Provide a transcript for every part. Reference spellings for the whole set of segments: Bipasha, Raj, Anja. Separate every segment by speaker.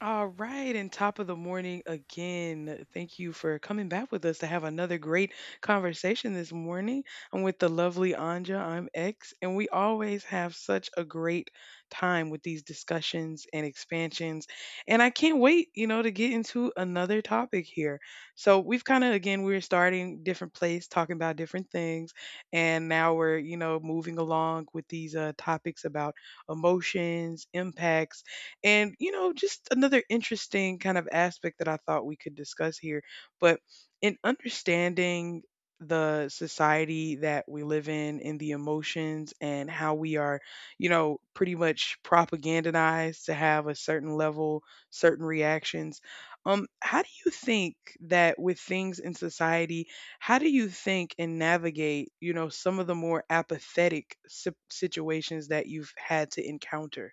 Speaker 1: All right, and top of the morning again. Thank you for coming back with us to have another great conversation this morning. I'm with the lovely Anja. I'm X, and we always have such a great time with these discussions and expansions. And I can't wait, you know, to get into another topic here. So we've kind of again we're starting different place, talking about different things, and now we're you know moving along with these topics about emotions, impacts, and, you know, just another interesting kind of aspect that I thought we could discuss here. But in understanding the society that we live in and the emotions and how we are, you know, pretty much propagandized to have a certain level, certain reactions. How do you think that with things in society, how do you think and navigate, you know, some of the more apathetic situations that you've had to encounter?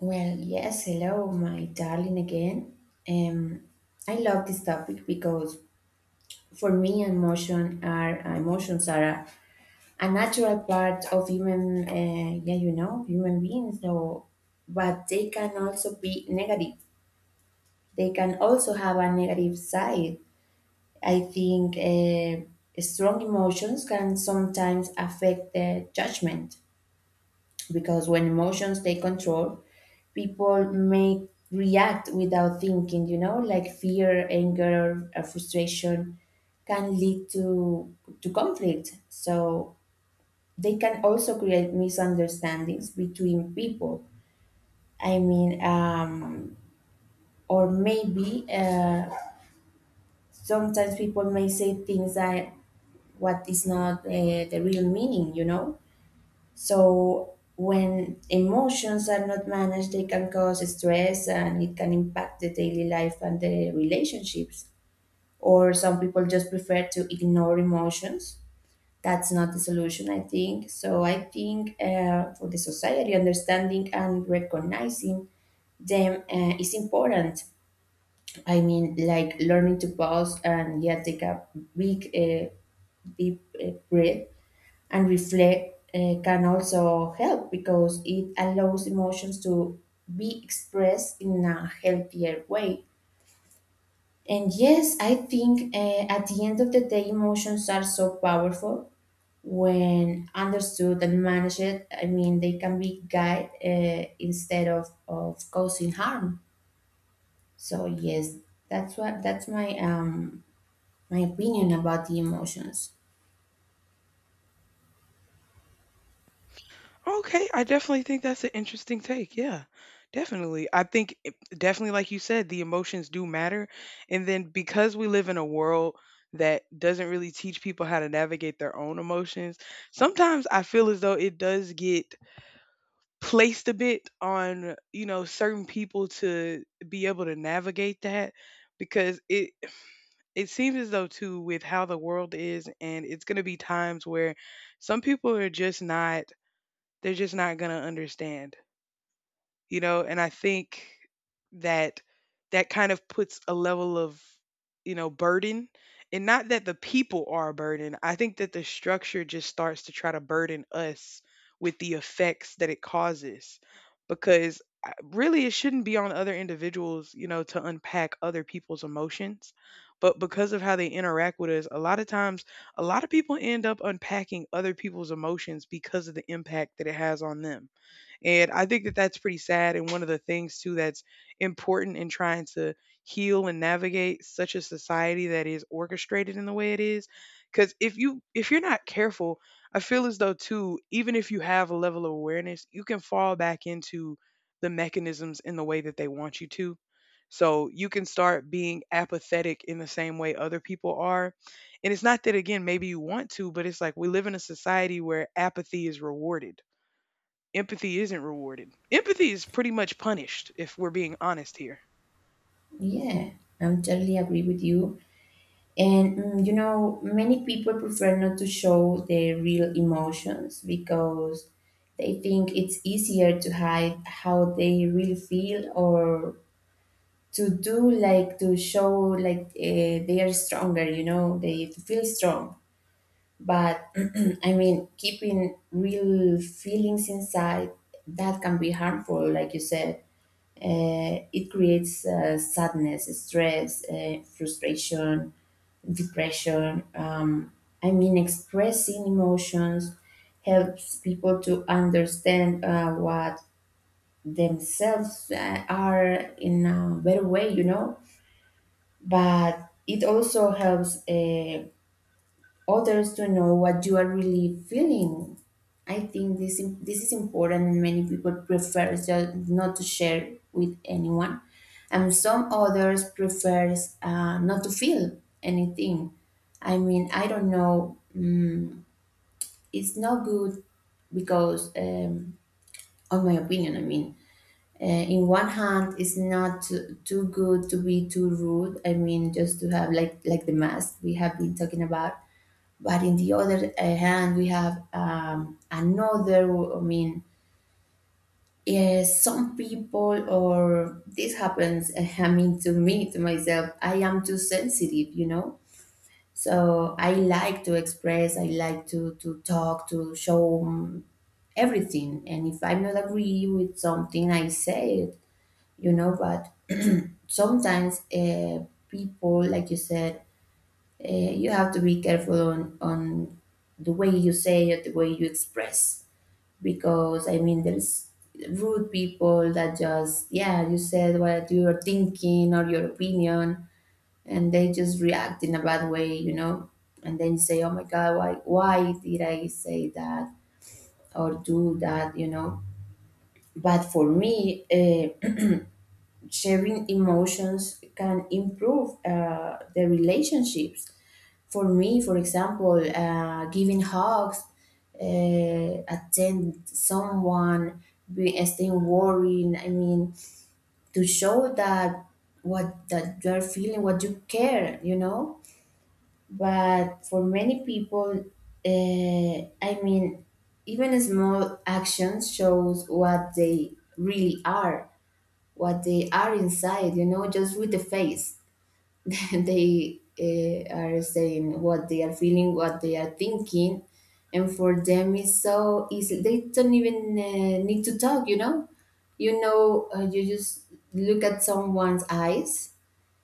Speaker 2: Well, yes, hello, my darling again. Um, I love this topic because for me, emotions are a natural part of human, yeah, you know, human beings. But they can also be negative. They can also have a negative side. I think strong emotions can sometimes affect the judgment because when emotions take control, people may react without thinking, you know, like fear, anger, or frustration can lead to conflict. So they can also create misunderstandings between people. I mean, or maybe Sometimes people may say things that what is not the real meaning, you know. So when emotions are not managed, they can cause stress and it can impact the daily life and the relationships. Or some people just prefer to ignore emotions. That's not the solution, I think. So I think for the society, understanding and recognizing them is important. I mean, like learning to pause and, yeah, take a big, uh, deep breath and reflect can also help because it allows emotions to be expressed in a healthier way. And yes, I think at the end of the day, emotions are so powerful when understood and managed. I mean, they can be guide instead of causing harm. So yes, that's my opinion about the emotions.
Speaker 1: Okay, I definitely think that's an interesting take. Yeah, definitely. I think it, definitely, like you said, the emotions do matter. And then because we live in a world that doesn't really teach people how to navigate their own emotions, sometimes I feel as though it does get placed a bit on, you know, certain people to be able to navigate that because it seems as though too with how the world is, and it's going to be times where some people are just not, they're just not going to understand, you know. And I think that that kind of puts a level of, you know, burden, and not that the people are a burden. I think that the structure just starts to try to burden us with the effects that it causes because really it shouldn't be on other individuals, you know, to unpack other people's emotions. But because of how they interact with us, a lot of times a lot of people end up unpacking other people's emotions because of the impact that it has on them. And I think that that's pretty sad. And one of the things, too, that's important in trying to heal and navigate such a society that is orchestrated in the way it is. Because if you're not careful, I feel as though too, even if you have a level of awareness, you can fall back into the mechanisms in the way that they want you to. So you can start being apathetic in the same way other people are. And it's not that, again, maybe you want to, but it's like we live in a society where apathy is rewarded, empathy isn't rewarded. Empathy is pretty much punished if we're being honest here.
Speaker 2: Yeah, I'm totally agree with you. And, you know, many people prefer not to show their real emotions because they think it's easier to hide how they really feel or to do like to show like they are stronger, you know, they to feel strong. But I mean, keeping real feelings inside, that can be harmful, like you said. It creates sadness, stress, frustration, depression. I mean, expressing emotions helps people to understand what themselves are in a better way, you know. But it also helps others to know what you are really feeling. I think this is important, and many people prefer just not to share with anyone, and some others prefers not to feel anything. I mean, I don't know. It's not good because, on my opinion, I mean, in one hand, it's not too good to be too rude. I mean, just to have like the mask we have been talking about, but in the other hand, we have, another, I mean, some people, or this happens, I mean, to me, to myself, I am too sensitive, you know? So I like to express, I like to talk, to show, everything. And if I'm not agree with something, I say it, you know? But sometimes people, like you said, you have to be careful on the way you say it, the way you express. Because, I mean, there's rude people that just, yeah, you said what you're thinking or your opinion, and they just react in a bad way, you know? And then you say, oh my God, why did I say that or do that, you know? But for me, sharing emotions can improve the relationships. For me, for example, giving hugs, attend someone, staying worried. I mean, to show that what that you're feeling, what you care, you know. But for many people, I mean, even small actions shows what they really are, what they are inside, you know, just with the face. They are saying what they are feeling, what they are thinking, and for them it's so easy they don't even need to talk, you know. You know, you just look at someone's eyes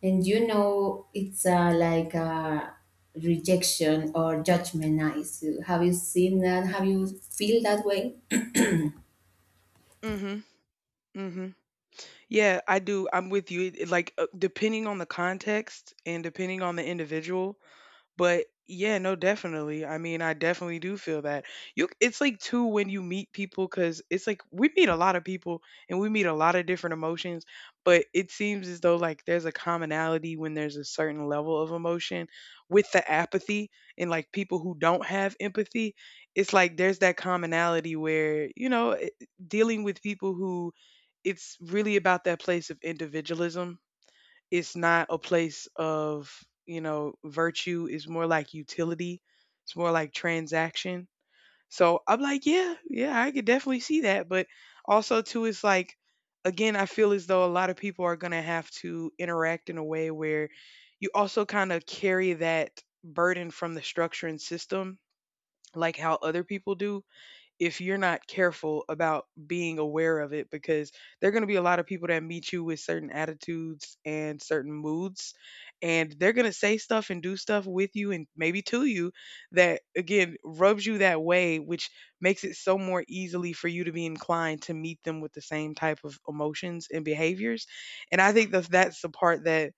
Speaker 2: and you know it's like a rejection or judgment. Eyes, have you seen that, have you feel that way?
Speaker 1: Mhm. Mhm. Yeah, I do. I'm with you. It- Like depending on the context and depending on the individual. But yeah, no, definitely. I mean, I definitely do feel that. You, it's like too when you meet people, cuz it's like we meet a lot of people and we meet a lot of different emotions, but it seems as though like there's a commonality when there's a certain level of emotion with the apathy and like people who don't have empathy. It's like there's that commonality where, you know, it- dealing with people who, it's really about that place of individualism. It's not a place of, you know, virtue. It's more like utility, it's more like transaction. So I'm like, yeah, yeah, I could definitely see that. But also too, it's like, again, I feel as though a lot of people are going to have to interact in a way where you also kind of carry that burden from the structure and system like how other people do if you're not careful about being aware of it, because there are going to be a lot of people that meet you with certain attitudes and certain moods, and they're going to say stuff and do stuff with you and maybe to you that again rubs you that way, which makes it so more easily for you to be inclined to meet them with the same type of emotions and behaviors. And I think that that's the part that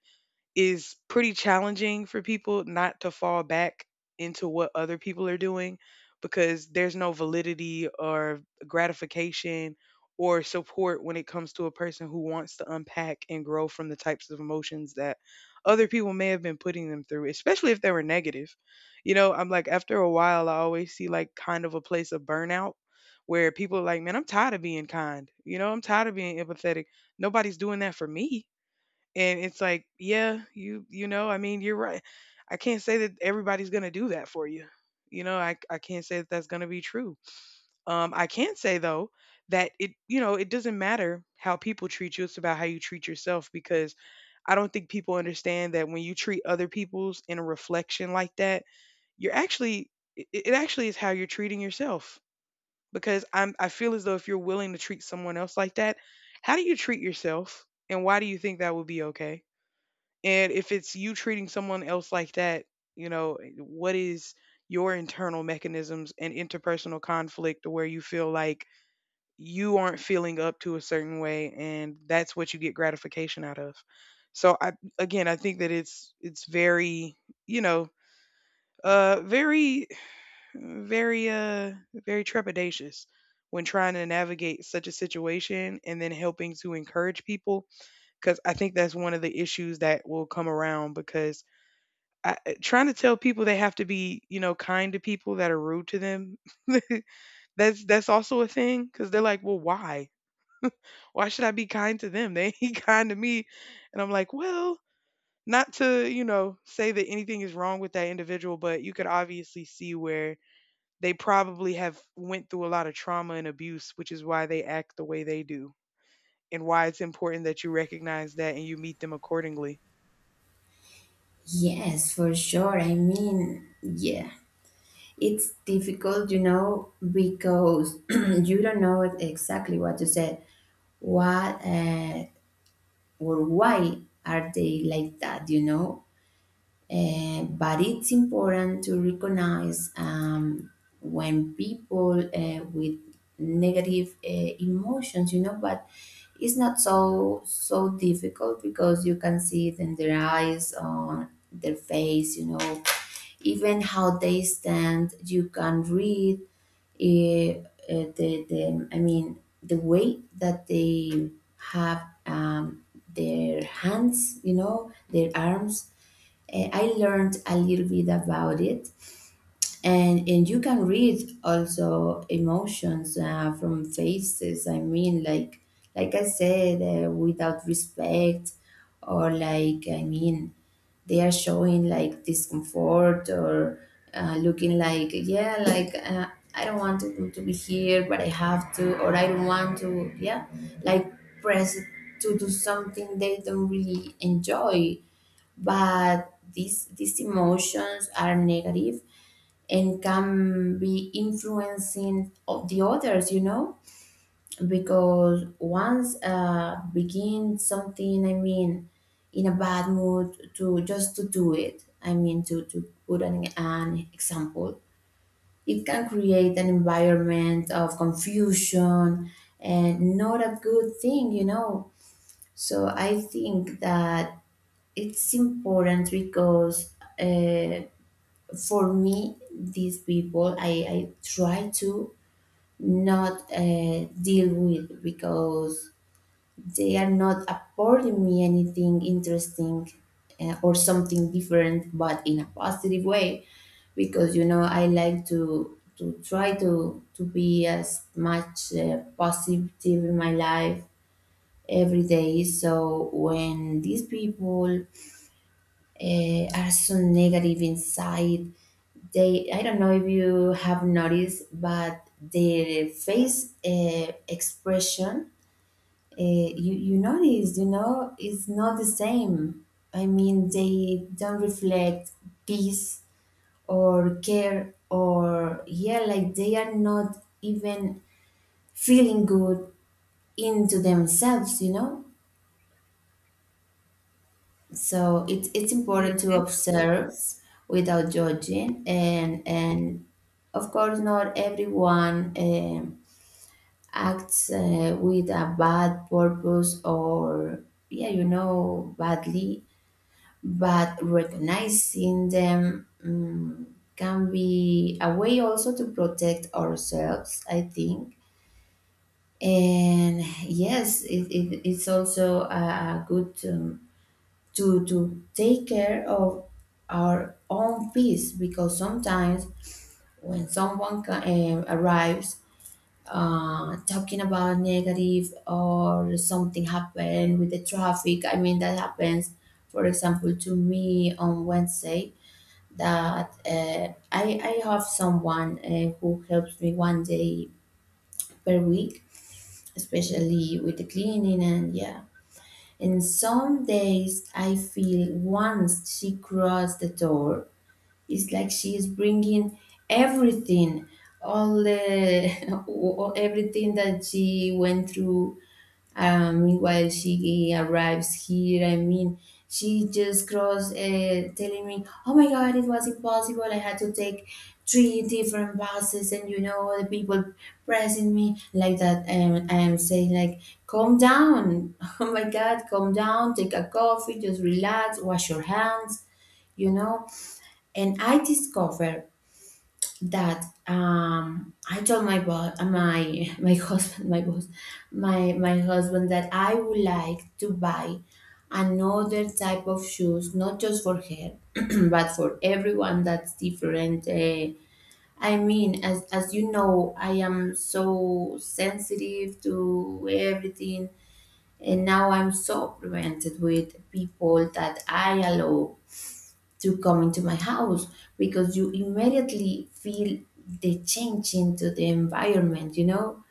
Speaker 1: is pretty challenging for people not to fall back into what other people are doing because there's no validity or gratification or support when it comes to a person who wants to unpack and grow from the types of emotions that other people may have been putting them through, especially if they were negative. You know, I'm like, after a while, I always see like kind of a place of burnout where people are like, man, I'm tired of being kind. You know, I'm tired of being empathetic. Nobody's doing that for me. And it's like, yeah, you know, I mean, you're right. I can't say that everybody's going to do that for you. You know, I can't say that that's going to be true. I can say though that it, you know, it doesn't matter how people treat you, it's about how you treat yourself. Because I don't think people understand that when you treat other people's in a reflection like that, you're actually, it actually is how you're treating yourself. Because I feel as though if you're willing to treat someone else like that, how do you treat yourself and why do you think that would be okay? And if it's you treating someone else like that, you know, what is your internal mechanisms and interpersonal conflict where you feel like you aren't feeling up to a certain way and that's what you get gratification out of. So I, again, I think that it's very, you know, uh very very trepidatious when trying to navigate such a situation, and then helping to encourage people. Because I think that's one of the issues that will come around, because I, trying to tell people they have to be, you know, kind to people that are rude to them. That's also a thing because they're like, well, why? Why should I be kind to them? They ain't kind to me, and I'm like, well, not to you know say that anything is wrong with that individual, but you could obviously see where they probably have went through a lot of trauma and abuse, which is why they act the way they do, and why it's important that you recognize that and you meet them accordingly.
Speaker 2: Yes, for sure, I mean, yeah. It's difficult, you know, because you don't know exactly what to say. What, or why are they like that, you know? But it's important to recognize, when people with negative emotions, you know, but it's not so difficult because you can see it in their eyes, on their face, you know, even how they stand. You can read, eh, the I mean the way that they have, their hands, you know, their arms. I learned a little bit about it, and you can read also emotions from faces. I mean, like I said, without respect, or like, I mean, they are showing like discomfort, or looking like, yeah, like, I don't want to be here, but I have to, or I don't want to, yeah, like press to do something they don't really enjoy. But these emotions are negative and can be influencing of the others, you know, because once begin something, I mean, in a bad mood to just to do it, I mean, to put an example, it can create an environment of confusion and not a good thing, you know. So I think that it's important because, uh, for me, these people I try to not deal with because they are not affording me anything interesting, or something different but in a positive way, because, you know, I like to try to be as much positive in my life every day. So when these people are so negative inside. They, I don't know if you have noticed, but their face expression, you, you notice, you know, is not the same. I mean, they don't reflect peace or care or, yeah, like they are not even feeling good into themselves, you know? So it's important to observe without judging, and, of course, not everyone acts with a bad purpose, or, yeah, you know, badly, but recognizing them, can be a way also to protect ourselves, I think. And yes, it's also a good. To take care of our own peace, because sometimes when someone arrives talking about negative, or something happened with the traffic, I mean, that happens, for example, to me on Wednesday. That, I have someone who helps me one day per week, especially with the cleaning. And, yeah, and some days I feel once she crossed the door, it's like she is bringing everything, all the, everything that she went through, meanwhile, she arrives here. I mean, she just crossed, telling me, "Oh my God, it was impossible. I had to take three different buses, and you know the people pressing me like that." And I am saying, like, "Calm down. Oh my God, calm down. Take a coffee. Just relax. Wash your hands." You know. And I discover that, I told my boss, my husband, my boss, my husband, that I would like to buy another type of shoes, not just for her, but for everyone, that's different. I mean, as you know, I am so sensitive to everything, and now I'm so prevented with people that I allow to come into my house, because you immediately feel the change into the environment, you know.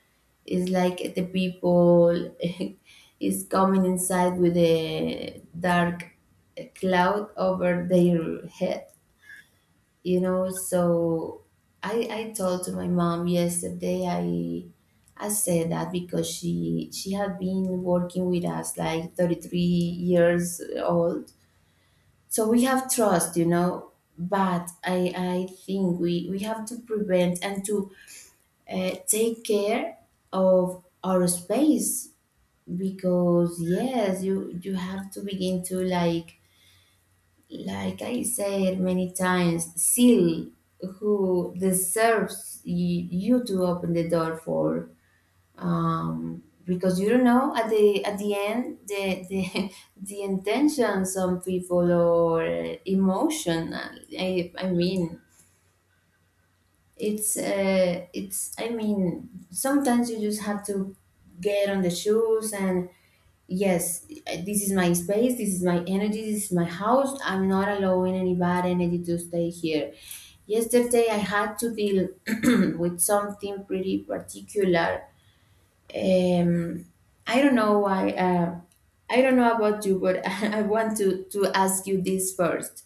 Speaker 2: It's like the people is coming inside with a dark cloud over their head, you know. So I told to my mom yesterday, I said that because she had been working with us like 33 years old, so we have trust, you know. But I think we have to prevent and to take care of our space. Because, yes, you have to begin to like I said many times, seal who deserves you to open the door for. Because you don't know at the, end the, the intentions of people, or emotion. I mean, it's, I mean, sometimes you just have to get on the shoes and, yes, this is my space, this is my energy, this is my house, I'm not allowing any bad energy to stay here. Yesterday I had to deal with something pretty particular. um, I don't know why. I don't know about you, but I want to ask you this first.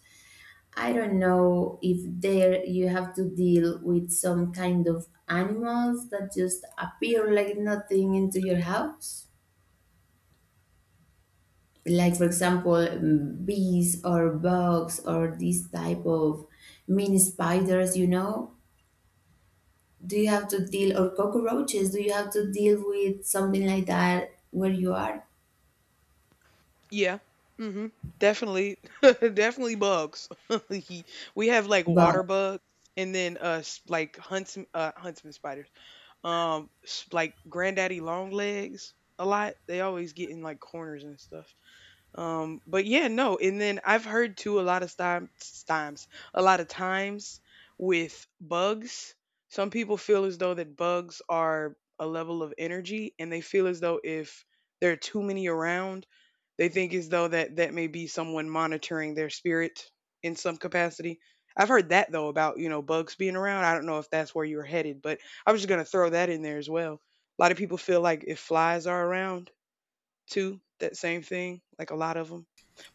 Speaker 2: I don't know if there you have to deal with some kind of animals that just appear like nothing into your house. Like, for example, bees or bugs, or these type of mini spiders, you know? Do you have to deal, or cockroaches? Do you have to deal with something like that where you are?
Speaker 1: Yeah. Hmm. Definitely, definitely bugs. He- we have like
Speaker 2: Bugs.
Speaker 1: water bugs, and then like huntsman, huntsman spiders. Like granddaddy long legs. A lot. They always get in like corners and stuff. But yeah, no. And then I've heard too a lot of times with bugs. Some people feel as though that bugs are a level of energy, and they feel as though if there are too many around, they think as though that that may be someone monitoring their spirit in some capacity. I've heard that though about you know bugs being around. I don't know if that's where you're headed, but I was just gonna throw that in there as well. A lot of people feel like if flies are around too, that same thing, like a lot of them.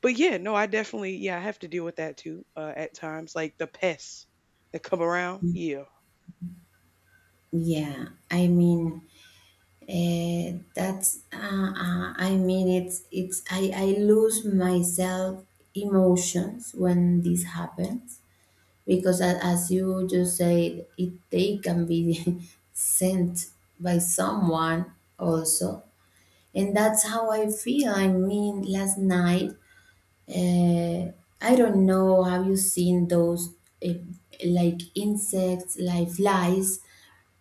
Speaker 1: But yeah, no, I definitely, yeah, I have to deal with that too at times, like the pests that come around. Yeah.
Speaker 2: Yeah, I mean, that's I mean, it's I lose myself emotions when this happens because as you just said, it they can be sent by someone also, and that's how I feel. I mean, last night uh, I don't know. Have you seen those uh, like insects, like flies,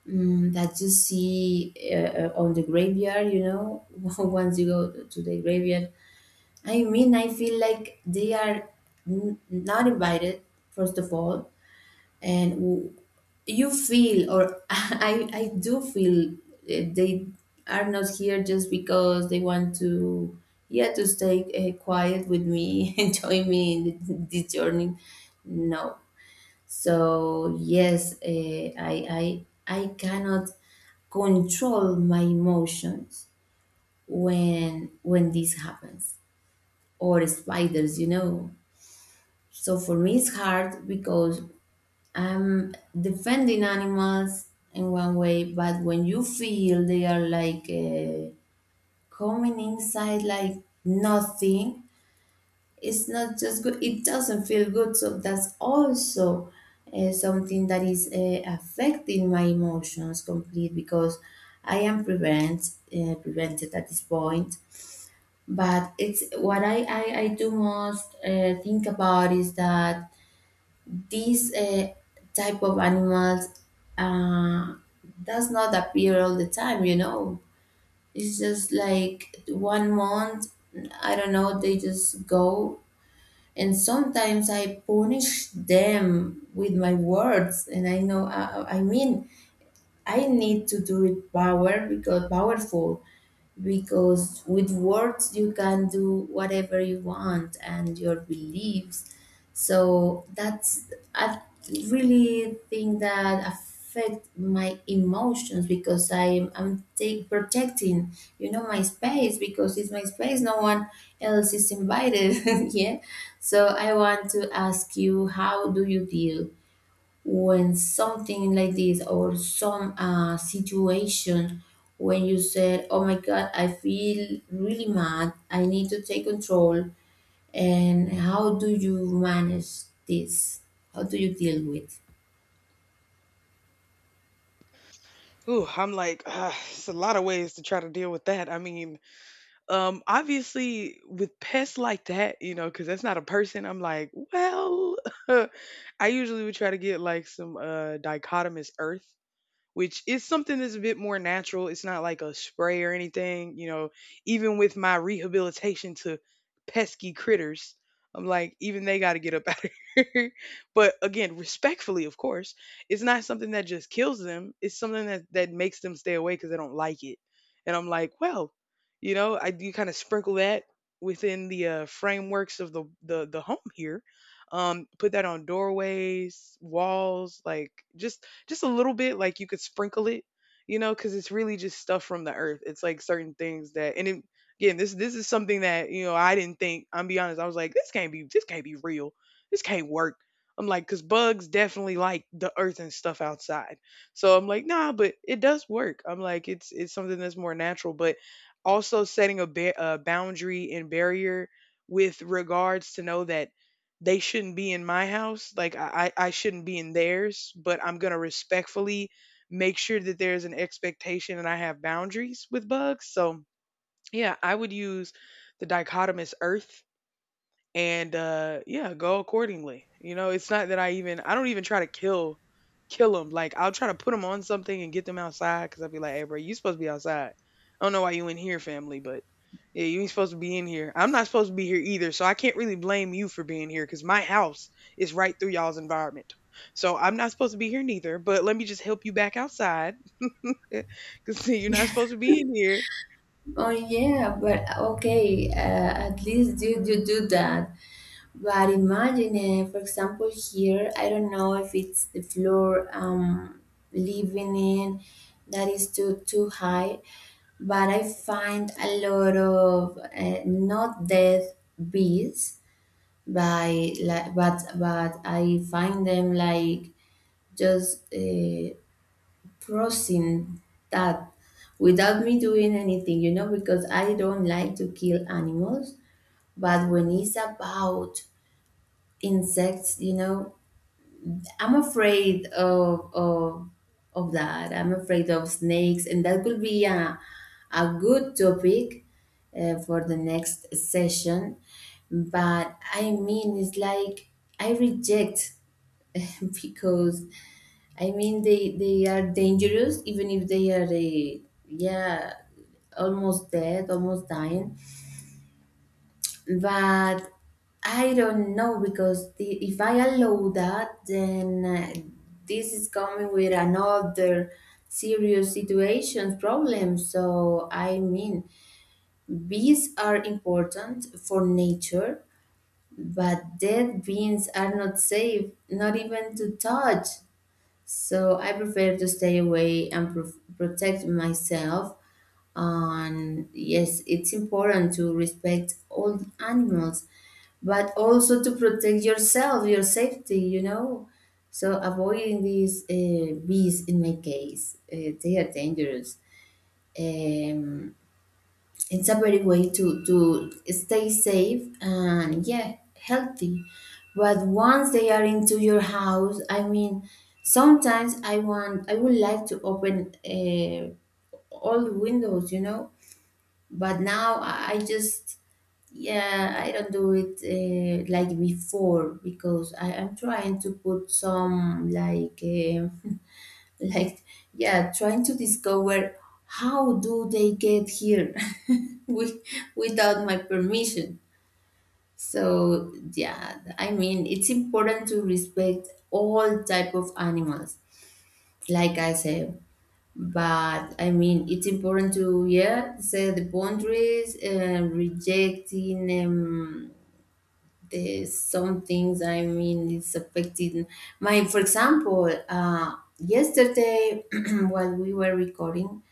Speaker 2: that you see on the graveyard? You know, once you go to the graveyard. I mean, I feel like they are not invited. First of all, and w- you feel or I do feel they are not here just because they want to, yeah, to stay quiet with me and join me in this journey. No. So yes, i I cannot control my emotions when this happens, or spiders, you know. So for me it's hard because I'm defending animals in one way, but when you feel they are like coming inside like nothing, it's not just good. It doesn't feel good. So that's also something that is affecting my emotions complete because I am prevented at this point. But it's what I do most think about is that these type of animals uh, does not appear all the time, you know. It's just like 1 month, I don't know, they just go. And sometimes I punish them with my words, and I know I mean I need to do it power because powerful, because with words you can do whatever you want, and your beliefs. So that's, I really think that affect my emotions because I'm take protecting, you know, my space, because it's my space, no one else is invited. Yeah. So I want to ask you, how do you deal when something like this or some situation when you said, oh my god, I feel really mad, I need to take control, and how do you manage this? How do you deal with?
Speaker 1: Ooh, I'm like, ah, it's a lot of ways to try to deal with that. I mean, obviously with pests like that, you know, because that's not a person. I'm like, well, I usually would try to get like some dichotomous earth, which is something that's a bit more natural. It's not like a spray or anything. You know, even with my rehabilitation to pesky critters, I'm like, even they got to get up out of here. But again, respectfully, of course, it's not something that just kills them. It's something that, that makes them stay away because they don't like it. And I'm like, well, you know, I do kind of sprinkle that within the frameworks of the home here. Put that on doorways, walls, like just a little bit like you could sprinkle it, you know, because it's really just stuff from the earth. It's like certain things that, and it, again, this is something that, you know, I didn't think, I'm be honest, I was like, this can't be, this can't be real this can't work. I'm like, because bugs definitely like the earth and stuff outside, so I'm like, nah, but it does work. I'm like, it's something that's more natural. But also setting a, a boundary and barrier with regards to know that they shouldn't be in my house, like, I shouldn't be in theirs, but I'm gonna respectfully make sure that there's an expectation and I have boundaries with bugs. So, yeah, I would use the dichotomous earth, and yeah, go accordingly. You know, it's not that I even, I don't even try to kill them. Like I'll try to put them on something and get them outside, because I'll be like, hey bro, you supposed to be outside. I don't know why you in here, family, but yeah, you ain't supposed to be in here. I'm not supposed to be here either, so I can't really blame you for being here, because my house is right through y'all's environment. So I'm not supposed to be here neither, but let me just help you back outside because you're not supposed to be in here.
Speaker 2: Oh yeah, but okay, at least you do that. But imagine, for example, here, I don't know if it's the floor living in that is too high, but I find a lot of not dead bees by, like, but I find them like just crossing that without me doing anything, you know, because I don't like to kill animals. But when it's about insects, you know, I'm afraid of that. I'm afraid of snakes, and that could be a good topic for the next session. But I mean, it's like I reject because I mean, they are dangerous even if they are yeah, almost dead, almost dying. But I don't know because if I allow that, then this is coming with another serious situation problem. So I mean, bees are important for nature, but dead beings are not safe, not even to touch. So I prefer to stay away and protect myself. And yes, it's important to respect all animals, but also to protect yourself, your safety, you know. So avoiding these bees, in my case, they are dangerous. Um, it's a very way to stay safe and, yeah, healthy. But once they are into your house, I mean, sometimes I would like to open all the windows, you know, but now I just, yeah, I don't do it like before, because I am trying to put some like like, yeah, trying to discover how do they get here with, without my permission. So yeah, I mean, it's important to respect all type of animals, like I said, but I mean, it's important to, yeah, set the boundaries and rejecting the some things. I mean, it's affecting my. For example, yesterday while we were recording,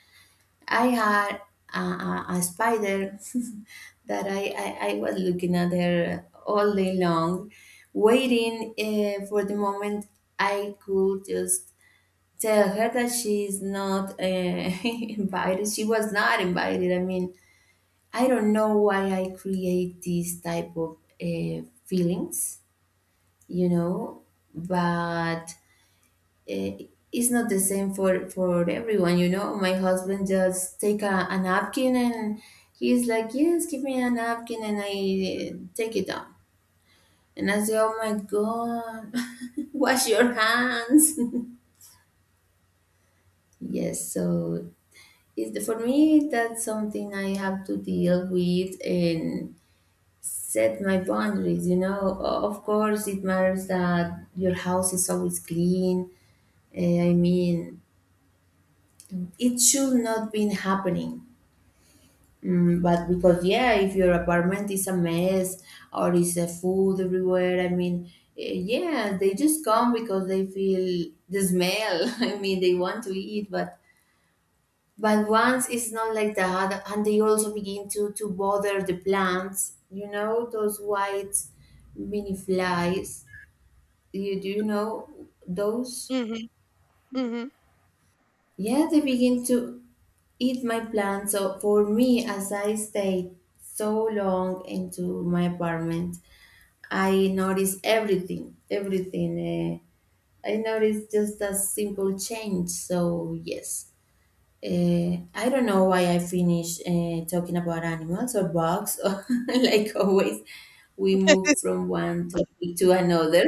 Speaker 2: I had a spider that I was looking at her all day long, waiting for the moment I could just tell her that she's not invited. She was not invited. I mean, I don't know why I create these type of feelings, you know, but uh, it's not the same for everyone, you know. My husband just take a napkin and he's like, "Yes, give me a napkin," and I take it down, and I say, "Oh my God, wash your hands." Yes, so it, for me, that's something I have to deal with and set my boundaries. You know, of course, it matters that your house is always clean. I mean, it should not be happening. Mm, but because, yeah, if your apartment is a mess or is a food everywhere, I mean, yeah, they just come because they feel the smell. I mean, they want to eat, but once it's not like that, and they also begin to bother the plants, you know, those white mini flies. You know those?
Speaker 1: Mm-hmm. Mm-hmm.
Speaker 2: Yeah, they begin to eat my plants. So for me, as I stayed so long into my apartment, I noticed everything, everything. I noticed just a simple change. So yes, I don't know why I finish talking about animals or bugs, or like always, we move from one topic to another.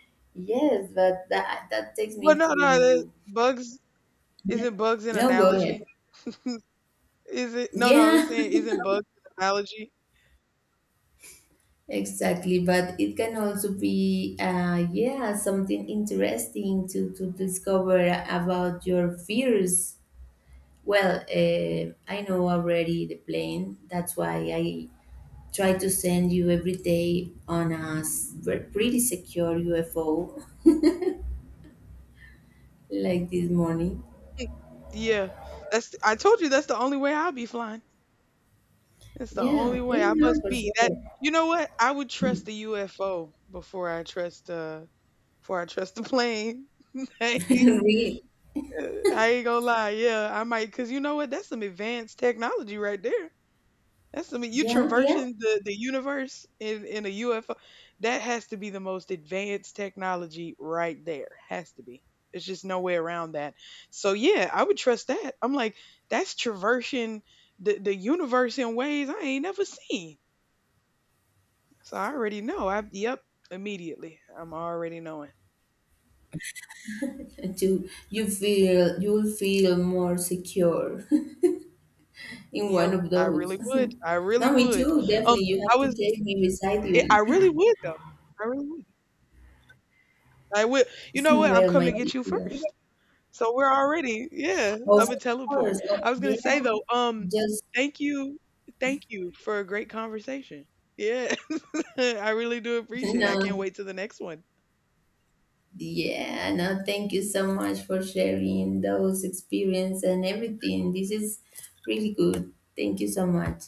Speaker 2: Yes, but that takes
Speaker 1: Well,
Speaker 2: me
Speaker 1: no, no, the
Speaker 2: to
Speaker 1: bugs.
Speaker 2: yeah.
Speaker 1: Isn't bugs an
Speaker 2: No, go ahead.
Speaker 1: analogy? Is it? No, no. I was
Speaker 2: Yeah,
Speaker 1: saying, isn't bugs an analogy?
Speaker 2: exactly. But it can also be yeah, something interesting to discover about your fears. Well, I know already the plane. That's why I try to send you every day on a pretty secure UFO like this morning.
Speaker 1: Yeah, that's. I told you that's the only way I'll be flying. That's the only
Speaker 2: Yeah, yeah,
Speaker 1: way I
Speaker 2: no,
Speaker 1: must
Speaker 2: for
Speaker 1: be. That,
Speaker 2: sure.
Speaker 1: you know what? I would trust the UFO before I trust the plane. I ain't
Speaker 2: Really.
Speaker 1: I ain't gonna lie. Yeah, I might, because you know what? That's some advanced technology right there. That's, I mean, you
Speaker 2: Yeah, yeah.
Speaker 1: traversing the universe in a UFO. That has to be the most advanced technology right there. Has to be. There's just no way around that. So yeah, I would trust that. I'm like, that's traversing the universe in ways I ain't never seen. So I already know. I yep, immediately. I'm already knowing.
Speaker 2: To you feel you'll feel more secure in one
Speaker 1: Yep,
Speaker 2: of
Speaker 1: I
Speaker 2: those.
Speaker 1: really would. I really
Speaker 2: No, me
Speaker 1: would.
Speaker 2: too.
Speaker 1: Um,
Speaker 2: Definitely, you
Speaker 1: I
Speaker 2: have to
Speaker 1: was.
Speaker 2: take me beside
Speaker 1: I
Speaker 2: you.
Speaker 1: really would though. I really would. I would. You know what? I'm
Speaker 2: Well, my
Speaker 1: coming to get you
Speaker 2: dear. Of
Speaker 1: first. So we're already, yeah,
Speaker 2: course.
Speaker 1: I'm a teleport.
Speaker 2: Oh,
Speaker 1: I was gonna
Speaker 2: yeah.
Speaker 1: say though,
Speaker 2: Just
Speaker 1: thank you, thank you for a great conversation. Yeah, I really do appreciate it. I
Speaker 2: no.
Speaker 1: can't wait to the next one.
Speaker 2: Yeah, no, thank you so much for sharing those experience and everything. This is really good. Thank you so much.